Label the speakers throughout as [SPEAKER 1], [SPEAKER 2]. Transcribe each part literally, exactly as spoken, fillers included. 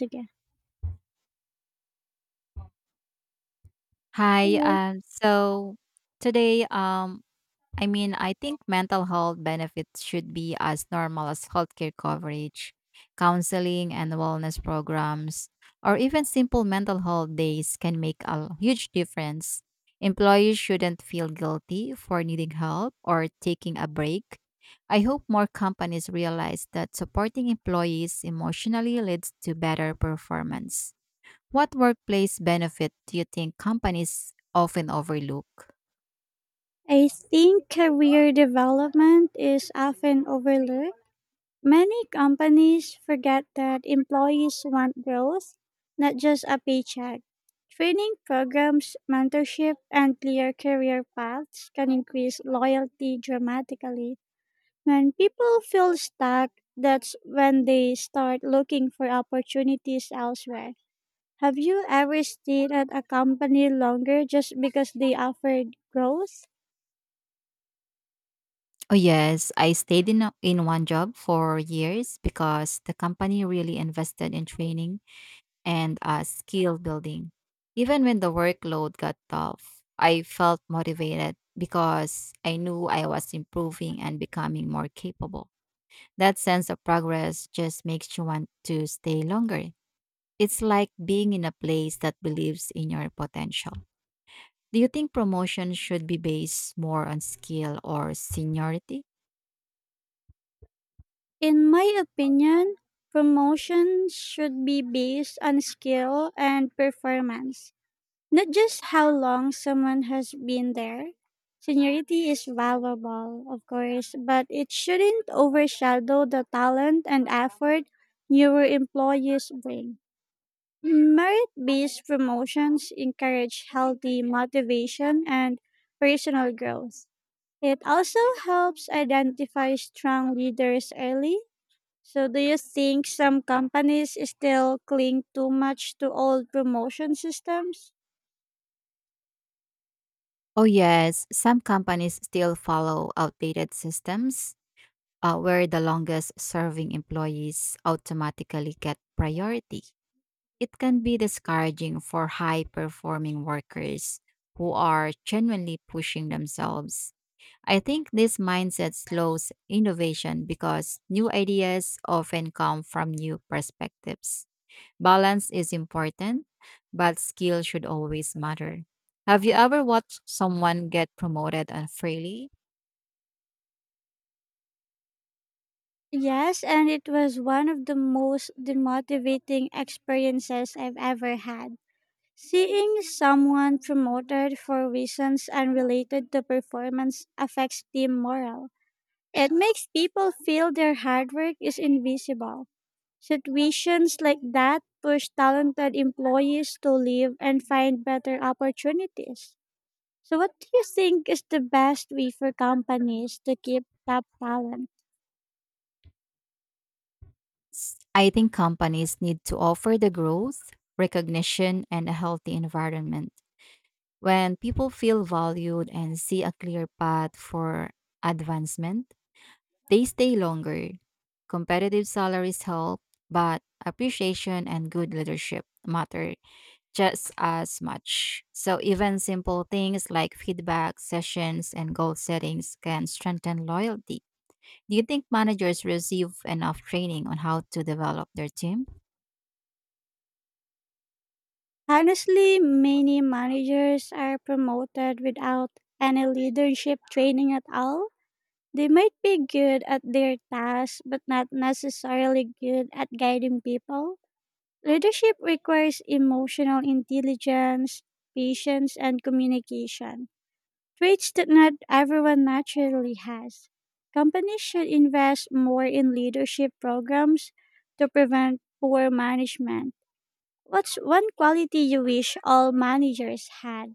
[SPEAKER 1] Sige.
[SPEAKER 2] Hi.
[SPEAKER 1] Hello.
[SPEAKER 2] Um, so today, um, I mean, I think mental health benefits should be as normal as healthcare coverage, counseling, and wellness programs, or even simple mental health days can make a huge difference. Employees shouldn't feel guilty for needing help or taking a break. I hope more companies realize that supporting employees emotionally leads to better performance. What workplace benefit do you think companies often overlook?
[SPEAKER 1] I think career development is often overlooked. Many companies forget that employees want growth, not just a paycheck. Training programs, mentorship, and clear career paths can increase loyalty dramatically. When people feel stuck, that's when they start looking for opportunities elsewhere. Have you ever stayed at a company longer just because they offered growth?
[SPEAKER 2] Oh, yes. I stayed in, a- In one job for years because the company really invested in training and uh, skill building. Even when the workload got tough, I felt motivated because I knew I was improving and becoming more capable. That sense of progress just makes you want to stay longer. It's like being in a place that believes in your potential. Do you think promotion should be based more on skill or seniority?
[SPEAKER 1] In my opinion, promotion should be based on skill and performance, not just how long someone has been there. Seniority is valuable, of course, but it shouldn't overshadow the talent and effort newer employees bring. Merit based promotions encourage healthy motivation and personal growth. It also helps identify strong leaders early. So, do you think some companies still cling too much to old promotion systems?
[SPEAKER 2] Oh, yes. Some companies still follow outdated systems uh, where the longest serving employees automatically get priority. It can be discouraging for high performing workers who are genuinely pushing themselves. I think this mindset slows innovation because new ideas often come from new perspectives. Balance is important, but skill should always matter. Have you ever watched someone get promoted unfairly?
[SPEAKER 1] Yes, and it was one of the most demotivating experiences I've ever had. Seeing someone promoted for reasons unrelated to performance affects team morale. It makes people feel their hard work is invisible. Situations like that push talented employees to leave and find better opportunities. So, what do you think is the best way for companies to keep top talent?
[SPEAKER 2] I think companies need to offer the growth, recognition, and a healthy environment. When people feel valued and see a clear path for advancement, they stay longer. Competitive salaries help, but appreciation and good leadership matter just as much. So, even simple things like feedback sessions and goal settings can strengthen loyalty. Do you think managers receive enough training on how to develop their team?
[SPEAKER 1] Honestly, many managers are promoted without any leadership training at all. They might be good at their tasks, but not necessarily good at guiding people. Leadership requires emotional intelligence, patience, and communication. Traits that not everyone naturally has. Companies should invest more in leadership programs to prevent poor management. What's one quality you wish all managers had?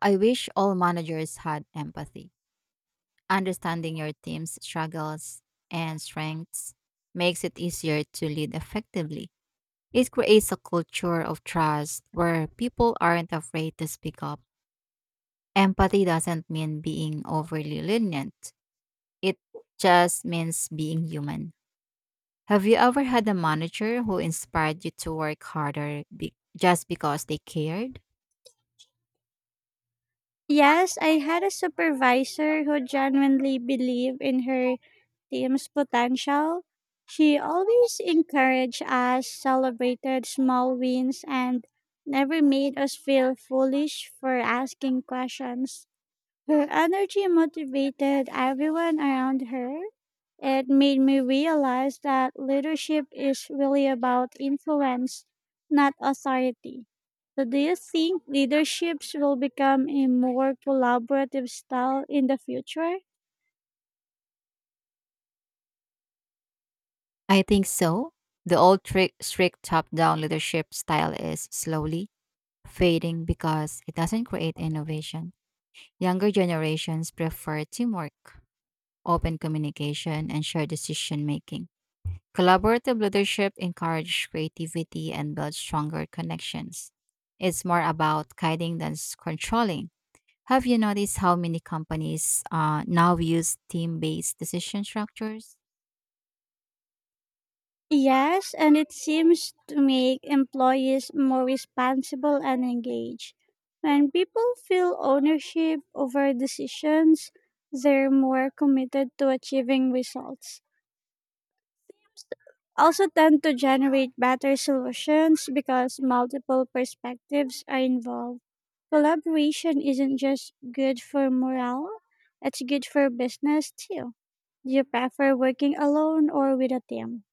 [SPEAKER 2] I wish all managers had empathy. Understanding your team's struggles and strengths makes it easier to lead effectively. It creates a culture of trust where people aren't afraid to speak up. Empathy doesn't mean being overly lenient, it just means being human. Have you ever had a manager who inspired you to work harder be- just because they cared?
[SPEAKER 1] Yes, I had a supervisor who genuinely believed in her team's potential. She always encouraged us, celebrated small wins, and never made us feel foolish for asking questions. Her energy motivated everyone around her. It made me realize that leadership is really about influence, not authority. So, do you think leaderships will become a more collaborative style in the future?
[SPEAKER 2] I think so. The old trick, strict top down leadership style is slowly fading because it doesn't create innovation. Younger generations prefer teamwork, open communication, and shared decision making. Collaborative leadership encourages creativity and builds stronger connections. It's more about guiding than s- controlling. Have you noticed how many companies uh, now use team based decision structures?
[SPEAKER 1] Yes, and it seems to make employees more responsible and engaged. When people feel ownership over decisions, they're more committed to achieving results. Also tend to generate better solutions because multiple perspectives are involved. Collaboration isn't just good for morale, it's good for business too. Do you prefer working alone or with a team?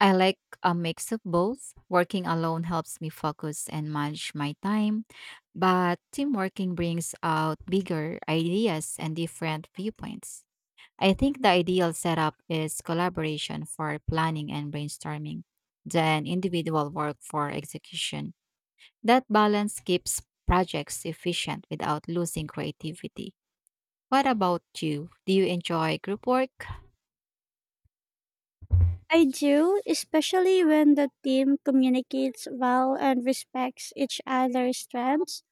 [SPEAKER 2] I like a mix of both. Working alone helps me focus and manage my time, but team working brings out bigger ideas and different viewpoints. I think the ideal setup is collaboration for planning and brainstorming, then individual work for execution. That balance keeps projects efficient without losing creativity. What about you? Do you enjoy group work?
[SPEAKER 1] I do, especially when the team communicates well and respects each other's strengths.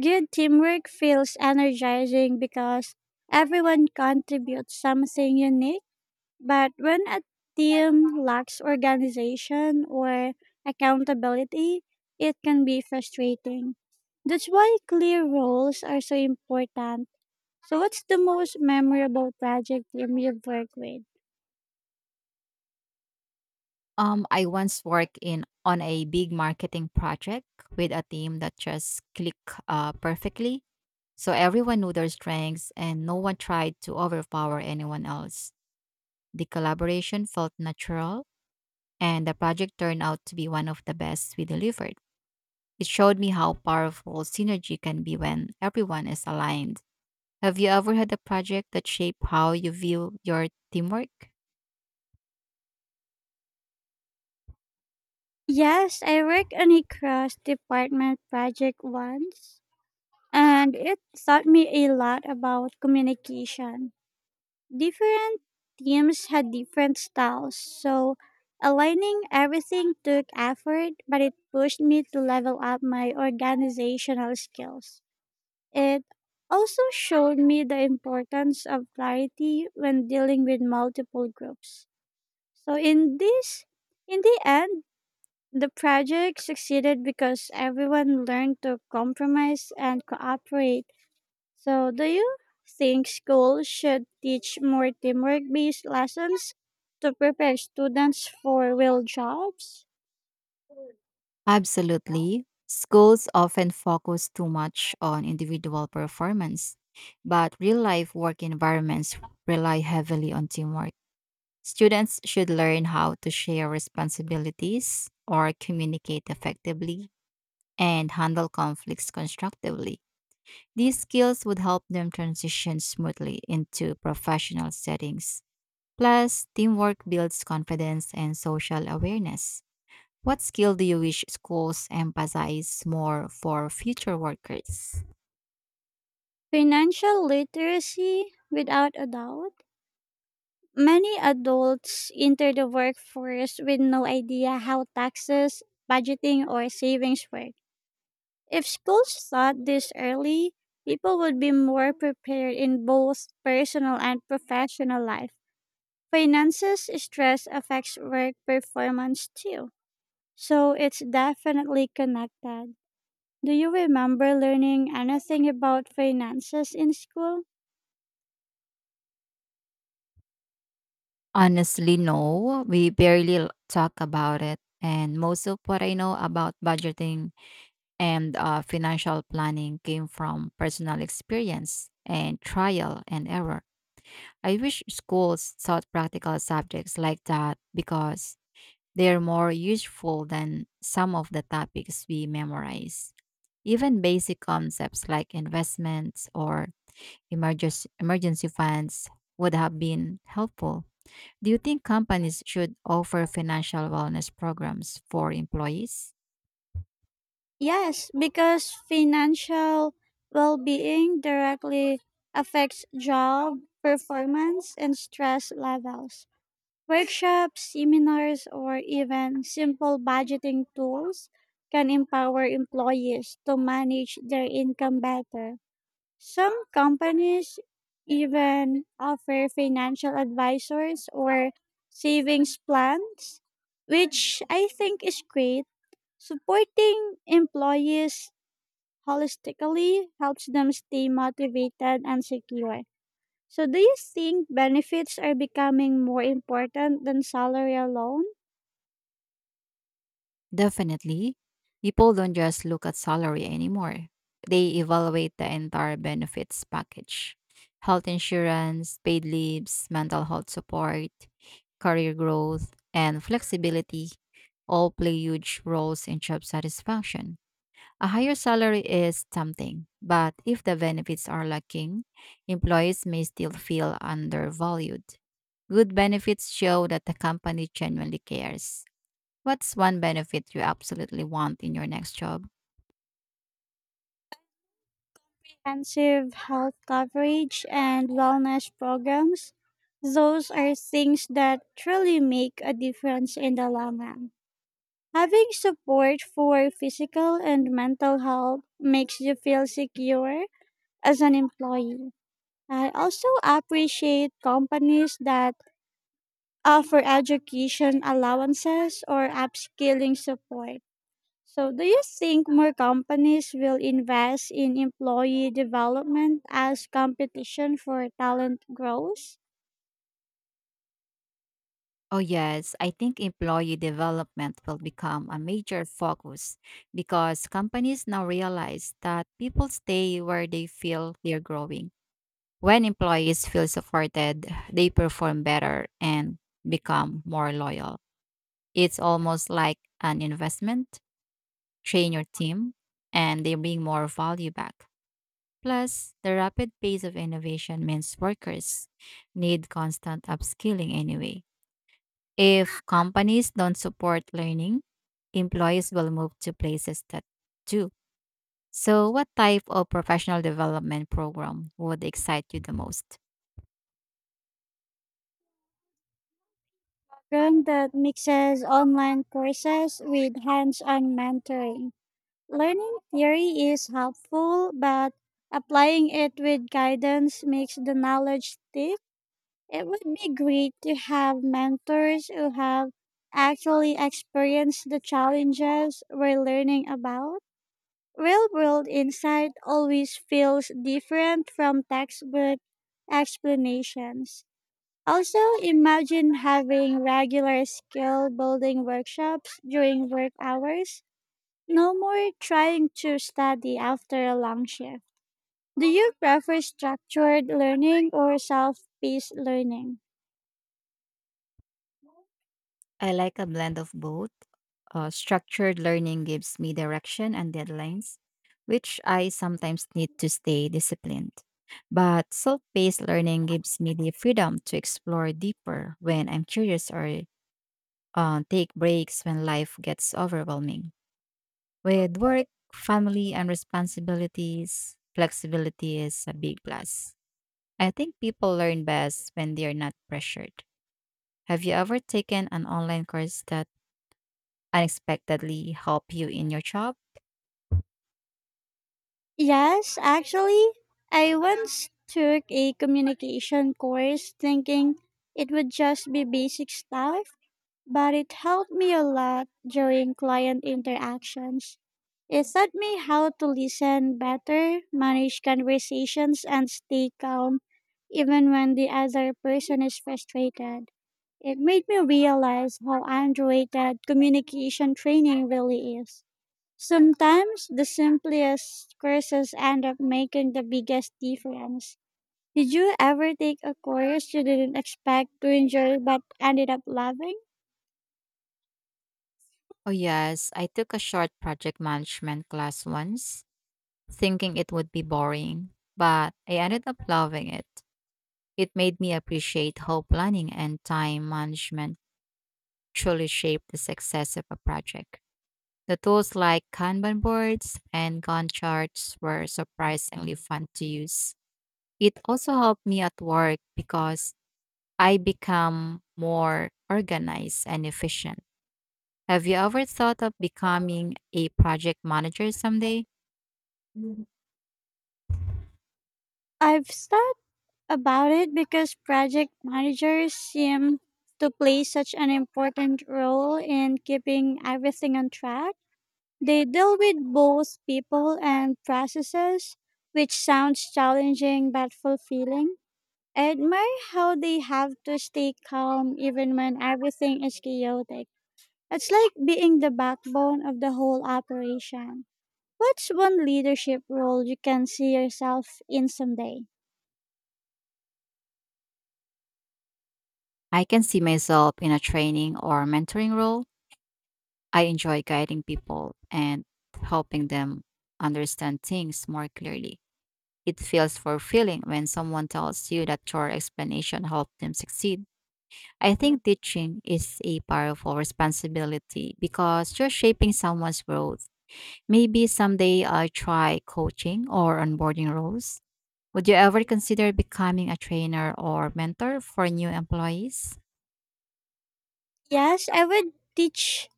[SPEAKER 1] Good teamwork feels energizing because everyone contributes something unique. But when a team lacks organization or accountability, it can be frustrating. That's why clear roles are so important. So, what's the most memorable project team you've worked with?
[SPEAKER 2] Um, I once worked in on a big marketing project with a team that just clicked uh, perfectly. So everyone knew their strengths, and no one tried to overpower anyone else. The collaboration felt natural, and the project turned out to be one of the best we delivered. It showed me how powerful synergy can be when everyone is aligned. Have you ever had a project that shaped how you view your teamwork?
[SPEAKER 1] Yes, I worked on a cross department project once, and it taught me a lot about communication. Different teams had different styles, so aligning everything took effort, but it pushed me to level up my organizational skills. It also showed me the importance of clarity when dealing with multiple groups. So in this in the end, the project succeeded because everyone learned to compromise and cooperate. So, do you think schools should teach more teamwork based lessons to prepare students for real jobs?
[SPEAKER 2] Absolutely. Schools often focus too much on individual performance, but real life work environments rely heavily on teamwork. Students should learn how to share responsibilities or communicate effectively and handle conflicts constructively. These skills would help them transition smoothly into professional settings. Plus, teamwork builds confidence and social awareness. What skill do you wish schools emphasize more for future workers?
[SPEAKER 1] Financial literacy, without a doubt. Many adults enter the workforce with no idea how taxes, budgeting, or savings work. If schools taught this early, people would be more prepared in both personal and professional life. Finances stress affects work performance too. So it's definitely connected. Do you remember learning anything about finances in school?
[SPEAKER 2] Honestly, no. We barely l- talk about it. And most of what I know about budgeting and uh, financial planning came from personal experience and trial and error. I wish schools taught practical subjects like that because they're more useful than some of the topics we memorize, even basic concepts like investments or emergency, emergency funds would have been helpful. Do you think companies should offer financial wellness programs for employees?
[SPEAKER 1] Yes, because financial well being directly affects job performance and stress levels. Workshops, seminars, or even simple budgeting tools can empower employees to manage their income better. Some companies even offer financial advisors or savings plans, which I think is great. Supporting employees holistically helps them stay motivated and secure. So, do you think benefits are becoming more important than salary alone?
[SPEAKER 2] Definitely. People don't just look at salary anymore. They evaluate the entire benefits package: health insurance, paid leaves, mental health support, career growth, and flexibility all play huge roles in job satisfaction. A higher salary is tempting, but if the benefits are lacking, employees may still feel undervalued. Good benefits show that the company genuinely cares. What's one benefit you absolutely want in your next job?
[SPEAKER 1] Comprehensive health coverage and wellness programs. Those are things that truly make a difference in the long run. Having support for physical and mental health makes you feel secure as an employee. I also appreciate companies that offer education allowances or upskilling support. So, do you think more companies will invest in employee development as competition for talent grows?
[SPEAKER 2] Oh, yes, I think employee development will become a major focus because companies now realize that people stay where they feel they're growing. When employees feel supported, they perform better and become more loyal. It's almost like an investment. Train your team, and they bring more value back. Plus, the rapid pace of innovation means workers need constant upskilling anyway. If companies don't support learning, employees will move to places that do. So, what type of professional development program would excite you the most?
[SPEAKER 1] Program that mixes online courses with hands on mentoring. Learning theory is helpful, but applying it with guidance makes the knowledge stick. It would be great to have mentors who have actually experienced the challenges we're learning about. Real world insight always feels different from textbook explanations. Also, imagine having regular skill building workshops during work hours. No more trying to study after a long shift. Do you prefer structured learning or self paced learning?
[SPEAKER 2] I like a blend of both. Uh, structured learning gives me direction and deadlines, which I sometimes need to stay disciplined. But self paced learning gives me the freedom to explore deeper when I'm curious or uh, take breaks when life gets overwhelming. With work, family, and responsibilities, flexibility is a big plus. I think people learn best when they are not pressured. Have you ever taken an online course that unexpectedly help you in your job?
[SPEAKER 1] Yes, actually, I once took a communication course thinking it would just be basic stuff, but it helped me a lot during client interactions. It taught me how to listen better, manage conversations, and stay calm even when the other person is frustrated. It made me realize how underrated communication training really is. Sometimes the simplest courses end up making the biggest difference. Did you ever take a course you didn't expect to enjoy but ended up loving?
[SPEAKER 2] Oh, yes. I took a short project management class once, thinking it would be boring, but I ended up loving it. It made me appreciate how planning and time management truly shape the success of a project. The tools like Kanban boards and Gantt charts were surprisingly fun to use. It also helped me at work because I become more organized and efficient. Have you ever thought of becoming a project manager someday?
[SPEAKER 1] I've started about it because project managers seem to play such an important role in keeping everything on track. They deal with both people and processes, which sounds challenging but fulfilling. I admire how they have to stay calm even when everything is chaotic. It's like being the backbone of the whole operation. What's one leadership role you can see yourself in someday?
[SPEAKER 2] I can see myself in a training or mentoring role. I enjoy guiding people and helping them understand things more clearly. It feels fulfilling when someone tells you that your explanation helped them succeed. I think teaching is a powerful responsibility because you're shaping someone's growth. Maybe someday I try coaching or onboarding roles. Would you ever consider becoming a trainer or mentor for new employees?
[SPEAKER 1] Yes, I would teach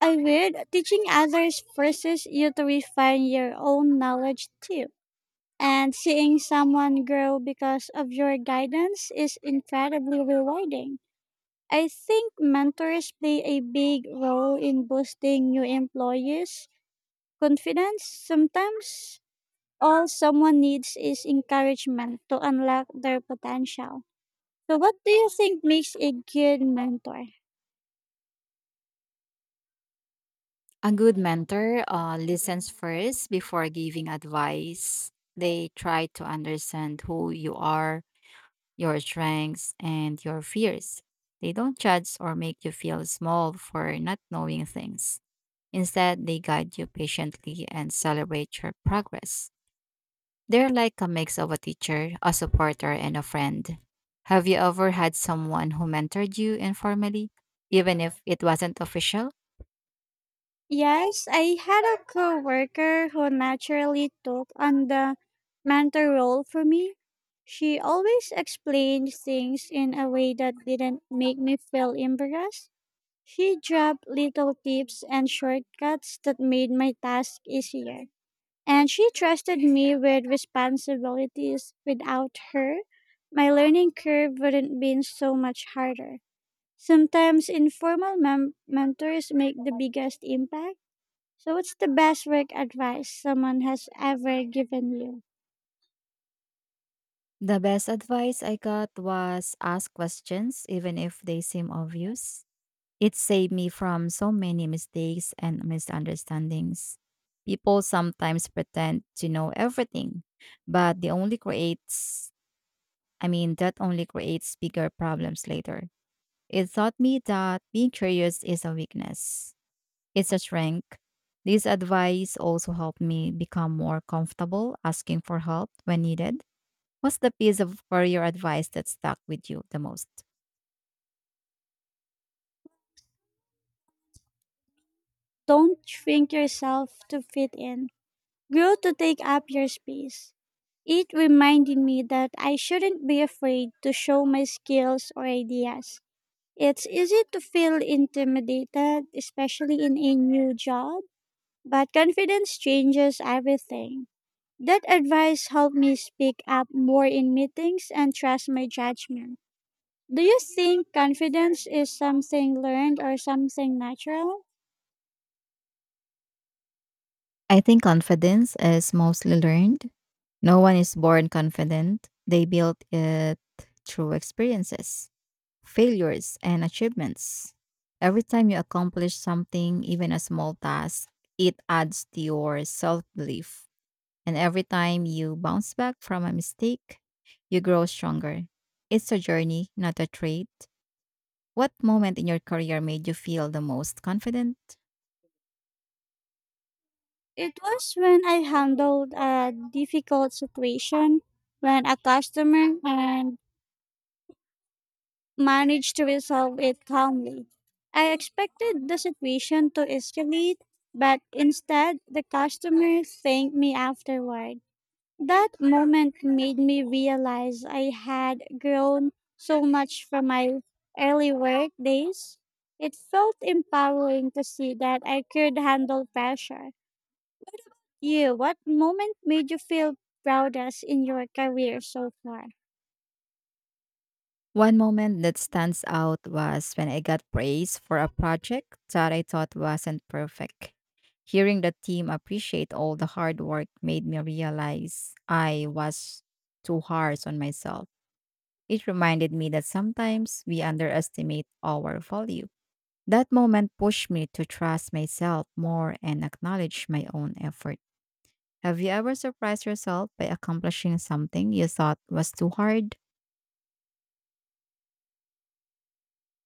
[SPEAKER 1] I would. Teaching others forces you to refine your own knowledge too. And seeing someone grow because of your guidance is incredibly rewarding. I think mentors play a big role in boosting new employees' confidence. Sometimes all someone needs is encouragement to unlock their potential. So, what do you think makes a good mentor?
[SPEAKER 2] A good mentor uh, listens first before giving advice. They try to understand who you are, your strengths, and your fears. They don't judge or make you feel small for not knowing things. Instead, they guide you patiently and celebrate your progress. They're like a mix of a teacher, a supporter, and a friend. Have you ever had someone who mentored you informally, even if it wasn't official?
[SPEAKER 1] Yes, I had a coworker who naturally took on the mentor role for me. She always explained things in a way that didn't make me feel embarrassed. She dropped little tips and shortcuts that made my task easier. And she trusted me with responsibilities. Without her, my learning curve wouldn't been so much harder. Sometimes informal mem- mentors make the biggest impact. So, what's the best work advice someone has ever given you?
[SPEAKER 2] The best advice I got was ask questions, even if they seem obvious. It saved me from so many mistakes and misunderstandings. People sometimes pretend to know everything, but they only creates I mean, that only creates bigger problems later. It taught me that being curious is a weakness, it's a strength. This advice also helped me become more comfortable asking for help when needed. What's the piece of career advice that stuck with you the most?
[SPEAKER 1] Don't shrink yourself to fit in. Grow to take up your space. It reminded me that I shouldn't be afraid to show my skills or ideas. It's easy to feel intimidated, especially in a new job, but confidence changes everything. That advice helped me speak up more in meetings and trust my judgment. Do you think confidence is something learned or something natural?
[SPEAKER 2] I think confidence is mostly learned. No one is born confident, they build it through experiences, failures and achievements. Every time you accomplish something, even a small task, it adds to your self belief. And every time you bounce back from a mistake, you grow stronger. It's a journey, not a trait. What moment in your career made you feel the most confident?
[SPEAKER 1] It was when I handled a difficult situation when a customer and managed to resolve it calmly. I expected the situation to escalate, but instead the customer thanked me afterward. That moment made me realize I had grown so much from my early work days. It felt empowering to see that I could handle pressure. You, what moment made you feel proudest in your career so far?
[SPEAKER 2] One moment that stands out was when I got praise for a project that I thought wasn't perfect. Hearing the team appreciate all the hard work made me realize I was too harsh on myself. It reminded me that sometimes we underestimate our value. That moment pushed me to trust myself more and acknowledge my own effort. Have you ever surprised yourself by accomplishing something you thought was too hard?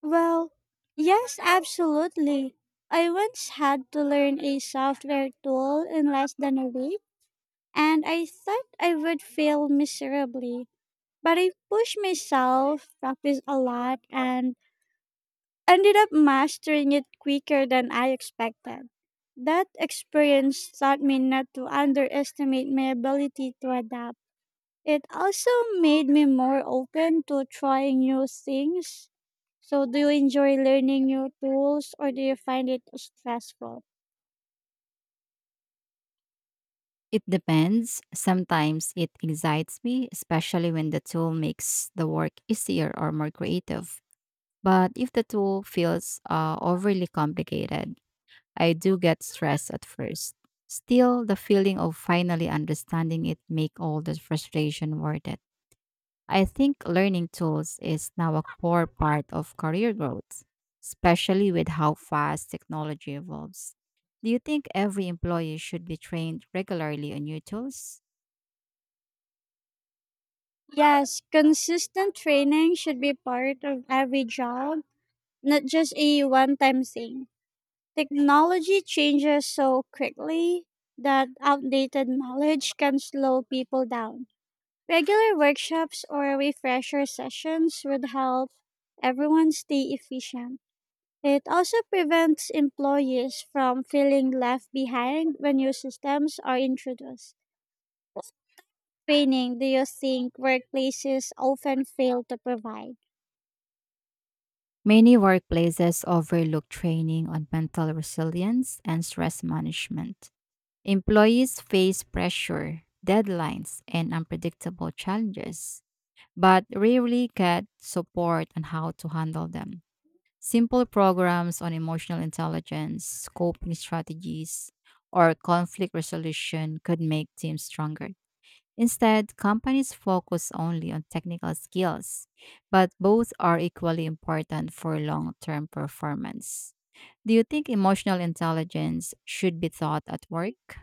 [SPEAKER 1] Well, yes, absolutely. I once had to learn a software tool in less than a week, and I thought I would fail miserably. But I pushed myself, practiced a lot, and ended up mastering it quicker than I expected. That experience taught me not to underestimate my ability to adapt. It also made me more open to trying new things. So, do you enjoy learning new tools or do you find it stressful?
[SPEAKER 2] It depends. Sometimes it excites me, especially when the tool makes the work easier or more creative. But if the tool feels uh, overly complicated, I do get stressed at first. Still, the feeling of finally understanding it make all the frustration worth it. I think learning tools is now a core part of career growth, especially with how fast technology evolves. Do you think every employee should be trained regularly on new tools?
[SPEAKER 1] Yes, consistent training should be part of every job, not just a one time thing. Technology changes so quickly that outdated knowledge can slow people down. Regular workshops or refresher sessions would help everyone stay efficient. It also prevents employees from feeling left behind when new systems are introduced. Training, do you think workplaces often fail to provide?
[SPEAKER 2] Many workplaces overlook training on mental resilience and stress management. Employees face pressure, deadlines, and unpredictable challenges, but rarely get support on how to handle them. Simple programs on emotional intelligence, coping strategies, or conflict resolution could make teams stronger. Instead, companies focus only on technical skills, but both are equally important for long term performance. Do you think emotional intelligence should be taught at work?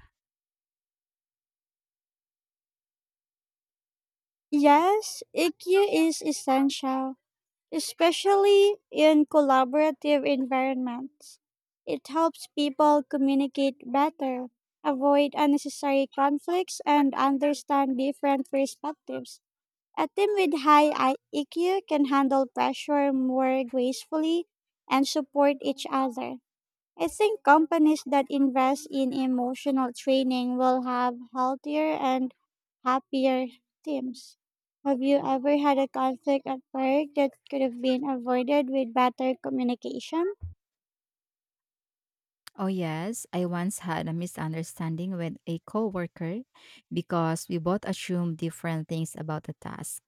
[SPEAKER 1] Yes, E Q is essential, especially in collaborative environments. It helps people communicate better, avoid unnecessary conflicts, and understand different perspectives. A team with high I- E Q can handle pressure more gracefully and support each other. I think companies that invest in emotional training will have healthier and happier teams. Have you ever had a conflict at work that could have been avoided with better communication?
[SPEAKER 2] Oh, yes. I once had a misunderstanding with a coworker because we both assumed different things about the task.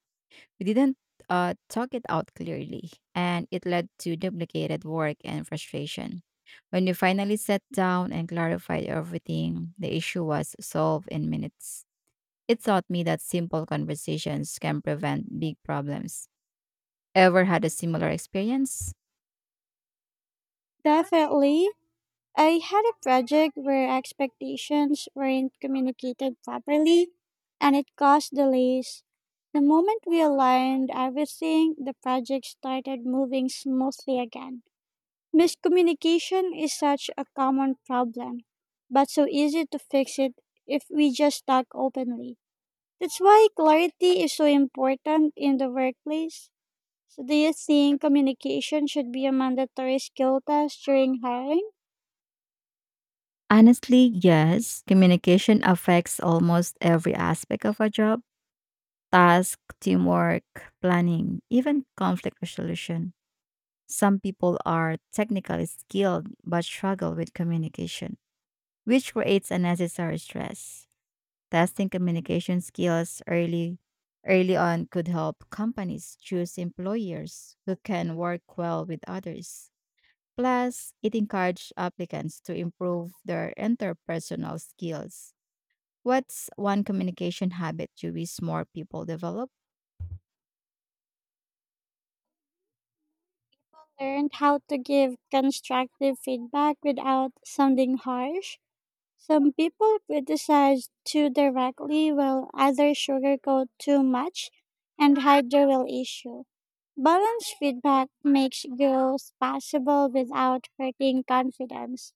[SPEAKER 2] We didn't uh, talk it out clearly, and it led to duplicated work and frustration. When we finally sat down and clarified everything, the issue was solved in minutes. It taught me that simple conversations can prevent big problems. Ever had a similar experience?
[SPEAKER 1] Definitely. I had a project where expectations weren't communicated properly and it caused delays. The moment we aligned everything, the project started moving smoothly again. Miscommunication is such a common problem, but so easy to fix it if we just talk openly. That's why clarity is so important in the workplace. So, do you think communication should be a mandatory skill test during hiring?
[SPEAKER 2] Honestly, yes. Communication affects almost every aspect of a job: task, teamwork, planning, even conflict resolution. Some people are technically skilled but struggle with communication, which creates unnecessary stress. Testing communication skills early early on could help companies choose employers who can work well with others. Plus, it encourages applicants to improve their interpersonal skills. What's one communication habit you wish more people develop?
[SPEAKER 1] Learn how to give constructive feedback without sounding harsh. Some people criticize too directly while others sugarcoat too much and hide the real issue. Balanced feedback makes growth possible without hurting confidence.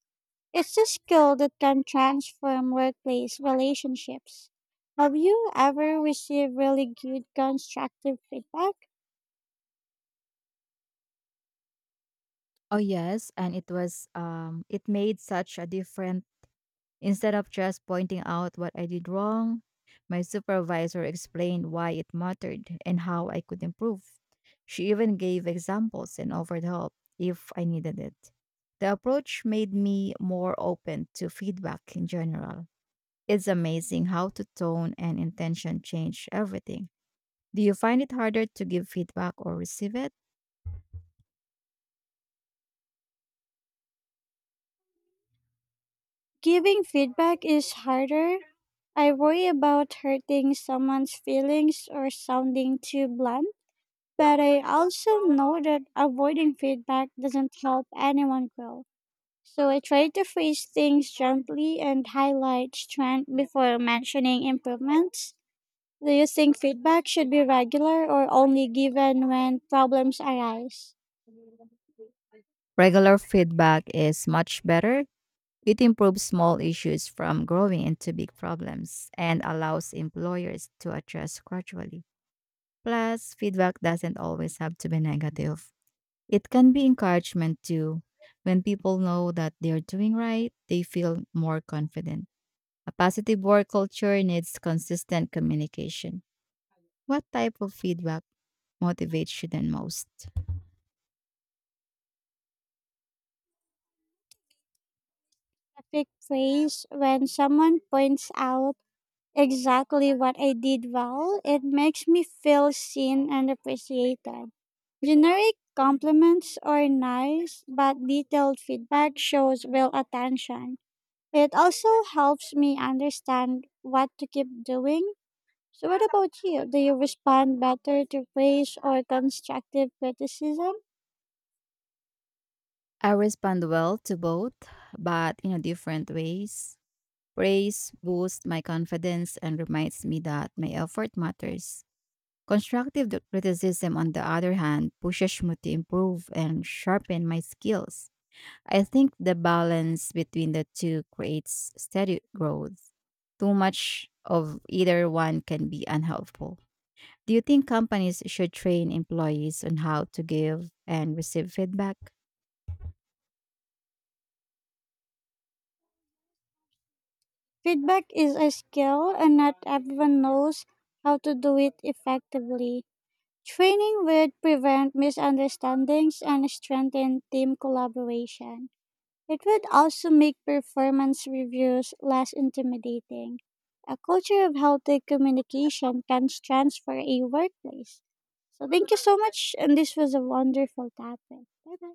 [SPEAKER 1] It's a skill that can transform workplace relationships. Have you ever received really good constructive feedback?
[SPEAKER 2] Oh yes, and it was um it made such a different. Instead of just pointing out what I did wrong, my supervisor explained why it mattered and how I could improve. She even gave examples and offered help if I needed it. The approach made me more open to feedback in general. It's amazing how to tone and intention change everything. Do you find it harder to give feedback or receive it?
[SPEAKER 1] Giving feedback is harder. I worry about hurting someone's feelings or sounding too blunt. But I also know that avoiding feedback doesn't help anyone grow. So I try to phrase things gently and highlight strength before mentioning improvements. Do you think feedback should be regular or only given when problems arise?
[SPEAKER 2] Regular feedback is much better. It improves small issues from growing into big problems and allows employers to adjust gradually. Plus, feedback doesn't always have to be negative. It can be encouragement too. When people know that they're doing right, they feel more confident. A positive work culture needs consistent communication. What type of feedback motivates you the most?
[SPEAKER 1] Perfect praise when someone points out exactly what I did well, it makes me feel seen and appreciated. Generic compliments are nice, but detailed feedback shows real attention. It also helps me understand what to keep doing. So, what about you? Do you respond better to praise or constructive criticism?
[SPEAKER 2] I respond well to both, but in different ways. Praise boosts my confidence and reminds me that my effort matters. Constructive criticism, on the other hand, pushes me to improve and sharpen my skills. I think the balance between the two creates steady growth. Too much of either one can be unhelpful. Do you think companies should train employees on how to give and receive feedback?
[SPEAKER 1] Feedback is a skill, and not everyone knows how to do it effectively. Training would prevent misunderstandings and strengthen team collaboration. It would also make performance reviews less intimidating. A culture of healthy communication can transfer a workplace. So thank you so much, and this was a wonderful topic. Bye bye.